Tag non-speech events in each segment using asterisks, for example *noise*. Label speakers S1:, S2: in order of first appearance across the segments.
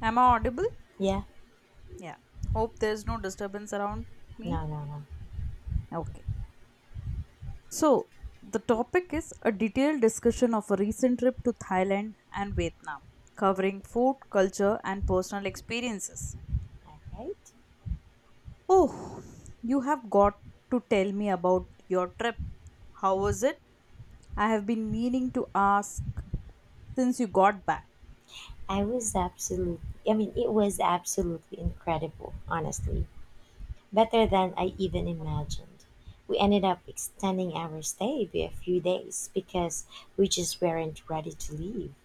S1: Am I audible?
S2: Yeah,
S1: Yeah. Hope there's no disturbance around me.
S2: no, no, no.
S1: Okay. So, the topic is a detailed discussion of a recent trip to Thailand and Vietnam, covering food, culture, and personal experiences.
S2: Alright.
S1: Oh, you have got to tell me about your trip. How was it? I have been meaning to ask since you got back.
S2: I was absolutely, I mean, It was absolutely incredible, honestly. Better than I even imagined. We ended up extending our stay by a few days because we just weren't ready to leave.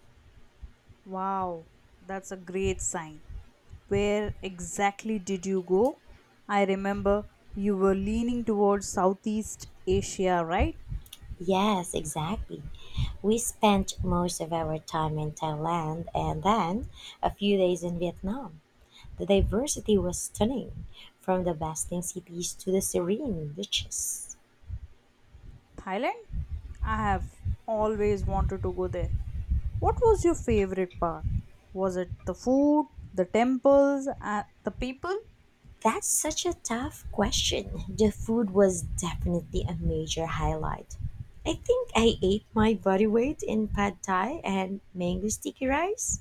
S1: Wow, that's a great sign. Where exactly did you go? I remember you were leaning towards Southeast Asia, right?
S2: Yes, exactly. We spent most of our time in Thailand and then a few days in Vietnam. The diversity was stunning, from the bustling cities to the serene beaches.
S1: Thailand? I have always wanted to go there. What was your favorite part? Was it the food, the temples, and the people?
S2: That's such a tough question. The food was definitely a major highlight. I think I ate my body weight in pad thai and mango sticky rice.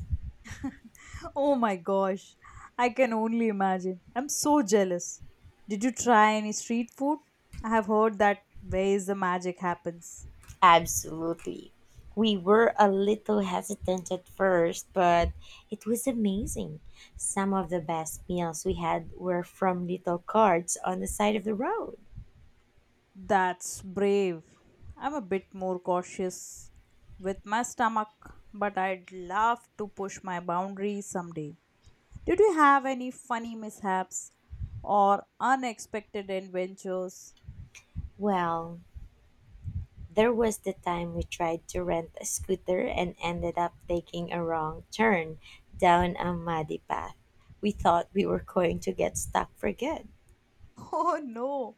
S1: *laughs* Oh my gosh, I can only imagine. I'm so jealous. Did you try any street food? I have heard that where is the magic happens.
S2: Absolutely. We were a little hesitant at first, but it was amazing. Some of the best meals we had were from little carts on the side of the road.
S1: That's brave. I'm a bit more cautious with my stomach, but I'd love to push my boundaries someday. Did you have any funny mishaps or unexpected adventures? *laughs*
S2: Well, there was the time we tried to rent a scooter and ended up taking a wrong turn down a muddy path. We thought we were going to get stuck for good.
S1: Oh no!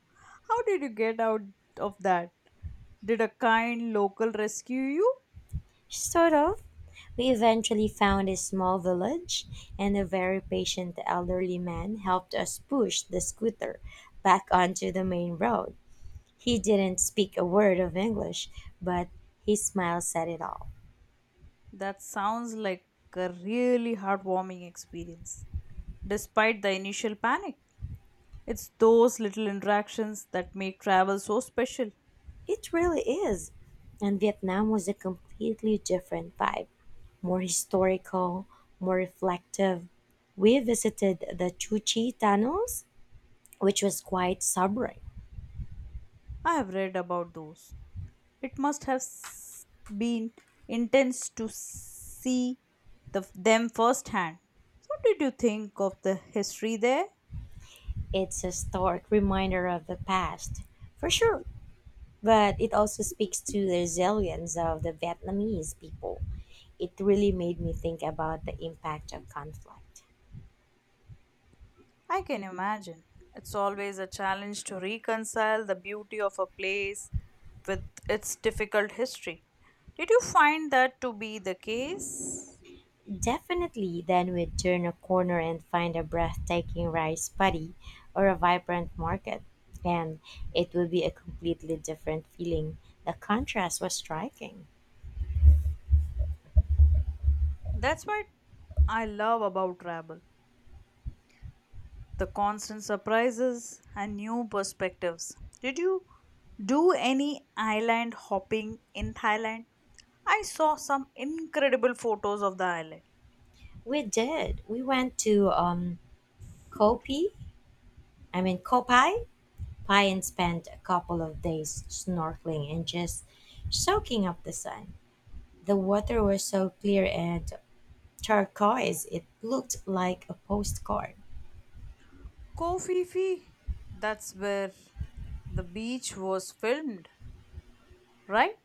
S1: How did you get out of that? Did a kind local rescue you?
S2: Sort of. We eventually found a small village, and a very patient elderly man helped us push the scooter back onto the main road. He didn't speak a word of English, but his smile said it all.
S1: That sounds like a really heartwarming experience, despite the initial panic. It's those little interactions that make travel so special.
S2: It really is. And Vietnam was a completely different vibe, more historical, more reflective. We visited the Chu Chi Tunnels, which was quite sobering.
S1: I have read about those. It must have been intense to see them firsthand. What did you think of the history there?
S2: It's a stark reminder of the past, for sure, but it also speaks to the resilience of the Vietnamese people. It really made me think about the impact of conflict.
S1: I can imagine. It's always a challenge to reconcile the beauty of a place with its difficult history. Did you find that to be the case?
S2: Definitely, then we'd turn a corner and find a breathtaking rice paddy or a vibrant market, and it would be a completely different feeling. The contrast was striking.
S1: That's what I love about travel, the constant surprises and new perspectives. Did you do any island hopping in Thailand? I saw some incredible photos of the island.
S2: We did. We went to Kopi, I mean Kopai, Pai, and spent a couple of days snorkeling and just soaking up the sun. The water was so clear and turquoise, it looked like a postcard.
S1: Koh Phi Phi, that's where The Beach was filmed, right?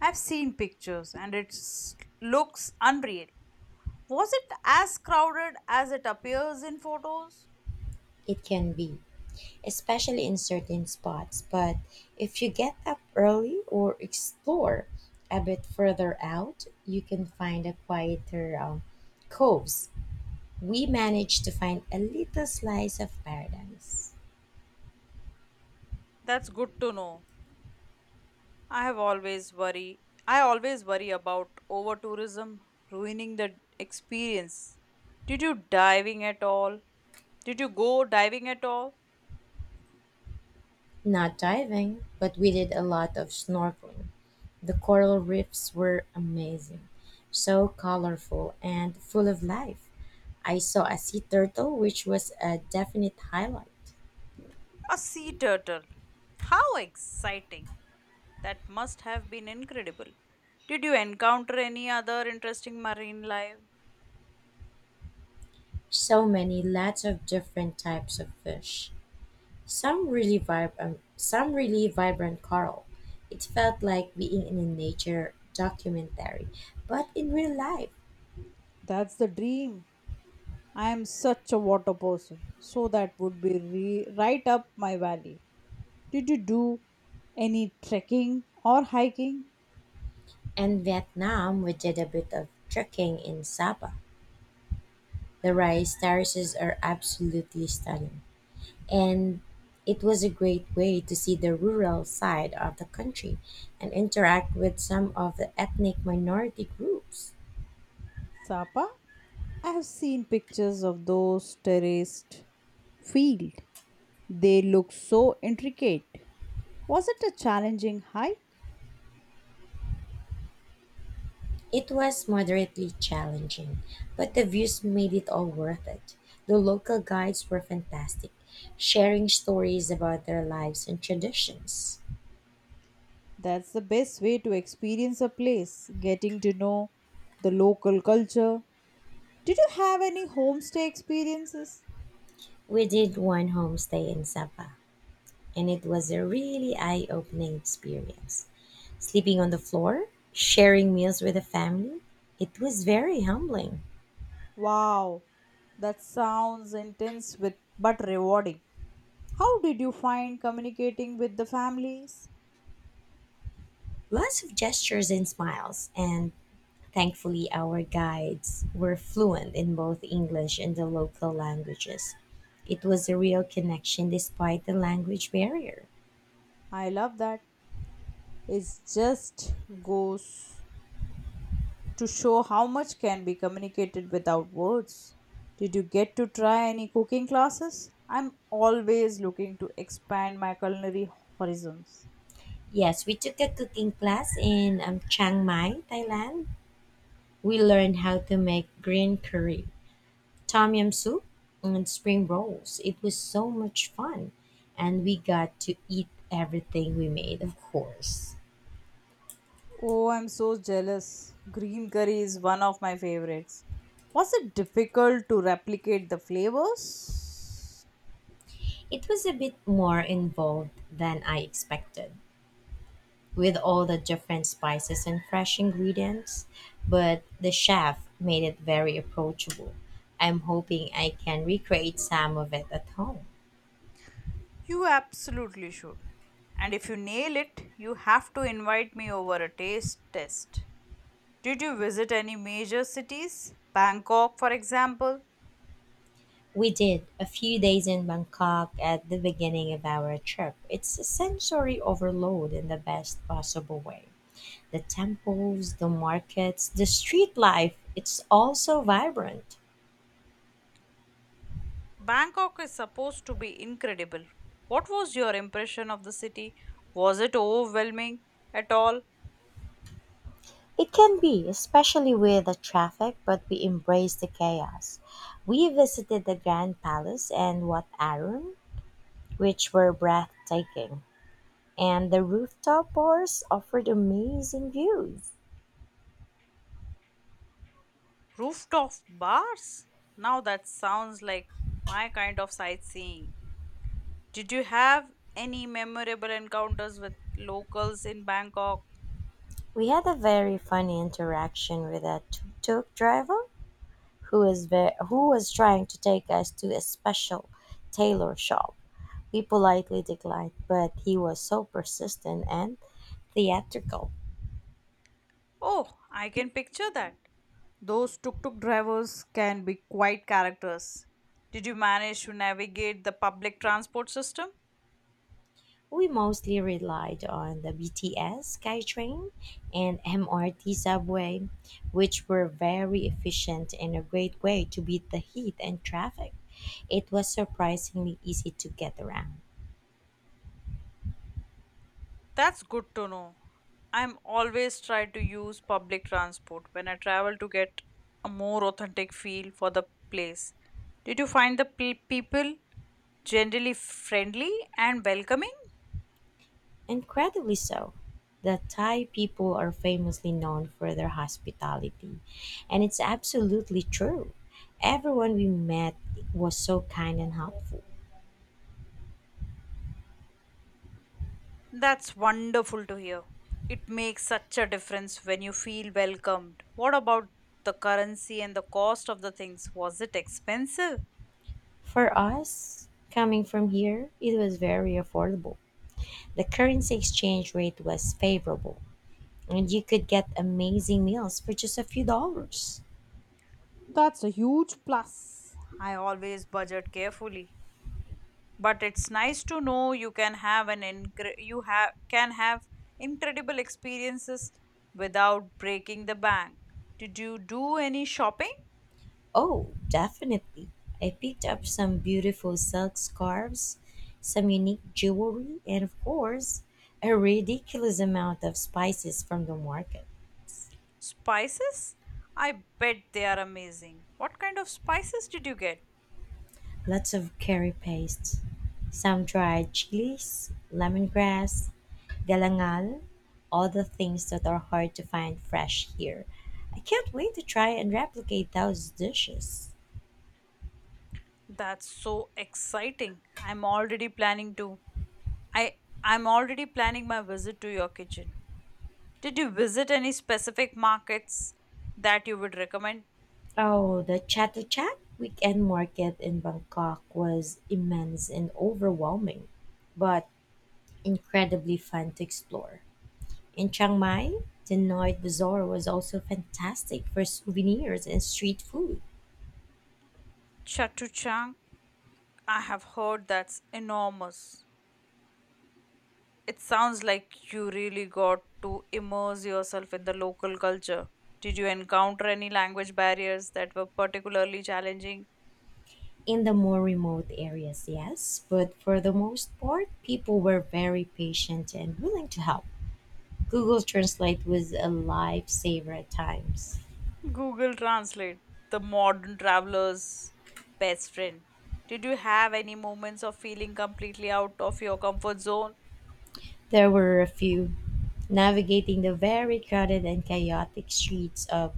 S1: I've seen pictures and it looks unreal. Was it as crowded as it appears in photos?
S2: It can be especially in certain spots. But if you get up early or explore a bit further out, you can find a quieter coves. We managed to find a little slice of paradise.
S1: That's good to know. I have always worry. I always worry about over tourism ruining the experience. Did you diving at all? Did you go diving at all?
S2: Not diving, but we did a lot of snorkeling. The coral reefs were amazing, so colorful and full of life. I saw a sea turtle, which was a definite highlight.
S1: A sea turtle. How exciting! That must have been incredible. Did you encounter any other interesting marine life?
S2: So many, lots of different types of fish. Some really vibrant coral. It felt like being in a nature documentary, but in real life.
S1: That's the dream. I am such a water person, so that would be right up my valley. Did you do any trekking or hiking?
S2: And Vietnam, we did a bit of trekking in Sapa. The rice terraces are absolutely stunning, and it was a great way to see the rural side of the country and interact with some of the ethnic minority groups.
S1: Sapa? I have seen pictures of those terraced fields. They look so intricate. Was it a challenging hike?
S2: It was moderately challenging, but the views made it all worth it. The local guides were fantastic, sharing stories about their lives and traditions.
S1: That's the best way to experience a place, getting to know the local culture. Did you have any homestay experiences?
S2: We did one homestay in Sapa, and it was a really eye opening experience. Sleeping on the floor, sharing meals with the family, it was very humbling.
S1: Wow, that sounds intense with but rewarding. How did you find communicating with the families?
S2: Lots of gestures and smiles, and thankfully, our guides were fluent in both English and the local languages. It was a real connection despite the language barrier.
S1: I love that. It just goes to show how much can be communicated without words. Did you get to try any cooking classes? I'm always looking to expand my culinary horizons.
S2: Yes, we took a cooking class in Chiang Mai, Thailand. We learned how to make green curry, tom yum soup, and spring rolls. It was so much fun, and we got to eat everything we made, of course.
S1: Oh, I'm so jealous. Green curry is one of my favorites. Was it difficult to replicate the flavors?
S2: It was a bit more involved than I expected, with all the different spices and fresh ingredients, but the chef made it very approachable. I'm hoping I can recreate some of it at home.
S1: You absolutely should. And if you nail it, you have to invite me over a taste test. Did you visit any major cities? Bangkok, for example.
S2: We did a few days in Bangkok at the beginning of our trip. It's a sensory overload in the best possible way. The temples, the markets, the street life, it's all so vibrant.
S1: Bangkok is supposed to be incredible. What was your impression of the city? Was it overwhelming at all?
S2: It can be, especially with the traffic, but we embraced the chaos. We visited the Grand Palace and Wat Arun, which were breathtaking, and the rooftop bars offered amazing views.
S1: Rooftop bars? Now that sounds like my kind of sightseeing. Did you have any memorable encounters with locals in Bangkok?
S2: We had a very funny interaction with a tuk-tuk driver who was trying to take us to a special tailor shop. We politely declined, but he was so persistent and theatrical.
S1: Oh, I can picture that. Those tuk tuk drivers can be quite characters. Did you manage to navigate the public transport system?
S2: We mostly relied on the BTS, SkyTrain, and MRT subway, which were very efficient and a great way to beat the heat and traffic. It was surprisingly easy to get around.
S1: That's good to know. I'm always try to use public transport when I travel to get a more authentic feel for the place. Did you find the people generally friendly and welcoming?
S2: Incredibly so. The Thai people are famously known for their hospitality, and it's absolutely true. Everyone we met was so kind and helpful.
S1: That's wonderful to hear. It makes such a difference when you feel welcomed. What about the currency and the cost of the things? Was it expensive?
S2: For us, coming from here, it was very affordable. The currency exchange rate was favorable, and you could get amazing meals for just a few dollars.
S1: That's a huge plus. I always budget carefully, but it's nice to know you can have an incre- you have can have incredible experiences without breaking the bank. Did you do any shopping?
S2: Oh, definitely. I picked up some beautiful silk scarves, some unique jewelry, and of course, a ridiculous amount of spices from the market.
S1: Spices, I bet they are amazing. What kind of spices did you get?
S2: Lots of curry paste, some dried chilies, lemongrass, galangal, all the things that are hard to find fresh here. I can't wait to try and replicate those dishes.
S1: That's so exciting. I I'm already planning my visit to your kitchen. Did you visit any specific markets that you would recommend?
S2: Oh, the Chato Chat weekend market in Bangkok was immense and overwhelming, but incredibly fun to explore. In Chiang Mai, the Night Bazaar was also fantastic for souvenirs and street food.
S1: Chatuchang, I have heard that's enormous. It sounds like you really got to immerse yourself in the local culture. Did you encounter any language barriers that were particularly challenging?
S2: In the more remote areas, yes, but for the most part, people were very patient and willing to help. Google Translate was a lifesaver at times.
S1: Google Translate, the modern traveler's best friend. Did you have any moments of feeling completely out of your comfort zone?
S2: There were a few. Navigating the very crowded and chaotic streets of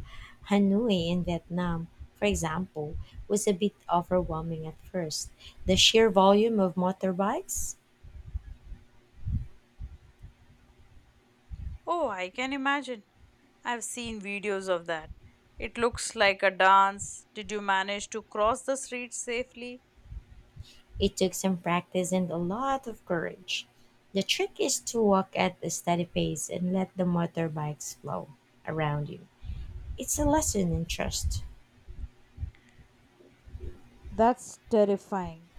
S2: Hanoi in Vietnam, for example, was a bit overwhelming at first. The sheer volume of motorbikes.
S1: Oh, I can imagine. I've seen videos of that. It looks like a dance. Did you manage to cross the street safely?
S2: It took some practice and a lot of courage. The trick is to walk at a steady pace and let the motorbikes flow around you. It's a lesson in trust.
S1: That's terrifying,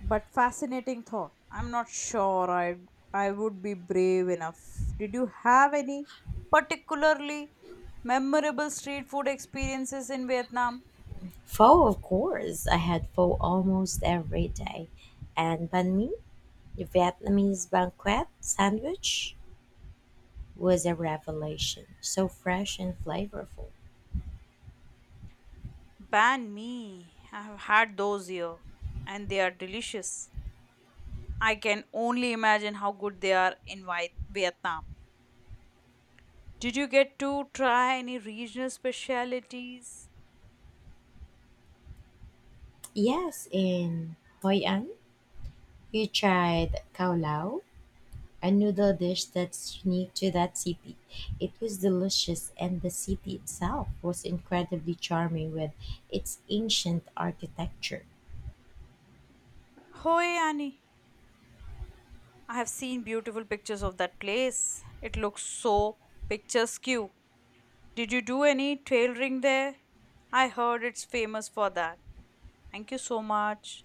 S1: but fascinating thought. I'm not sure I would be brave enough. Did you have any particularly memorable street food experiences in Vietnam?
S2: Pho, of course. I had pho almost every day. And banh mi, the Vietnamese banquet sandwich, was a revelation. So fresh and flavorful.
S1: Ban me. I have had those here, and they are delicious. I can only imagine how good they are in Vietnam. Did you get to try any regional specialities?
S2: Yes, in Hoi An, you tried cao lao, a noodle dish that's unique to that city. It was delicious, and the city itself was incredibly charming with its ancient architecture.
S1: Hoi Annie. I have seen beautiful pictures of that place. It looks so picturesque. Did you do any tailoring there? I heard it's famous for that. Thank you so much.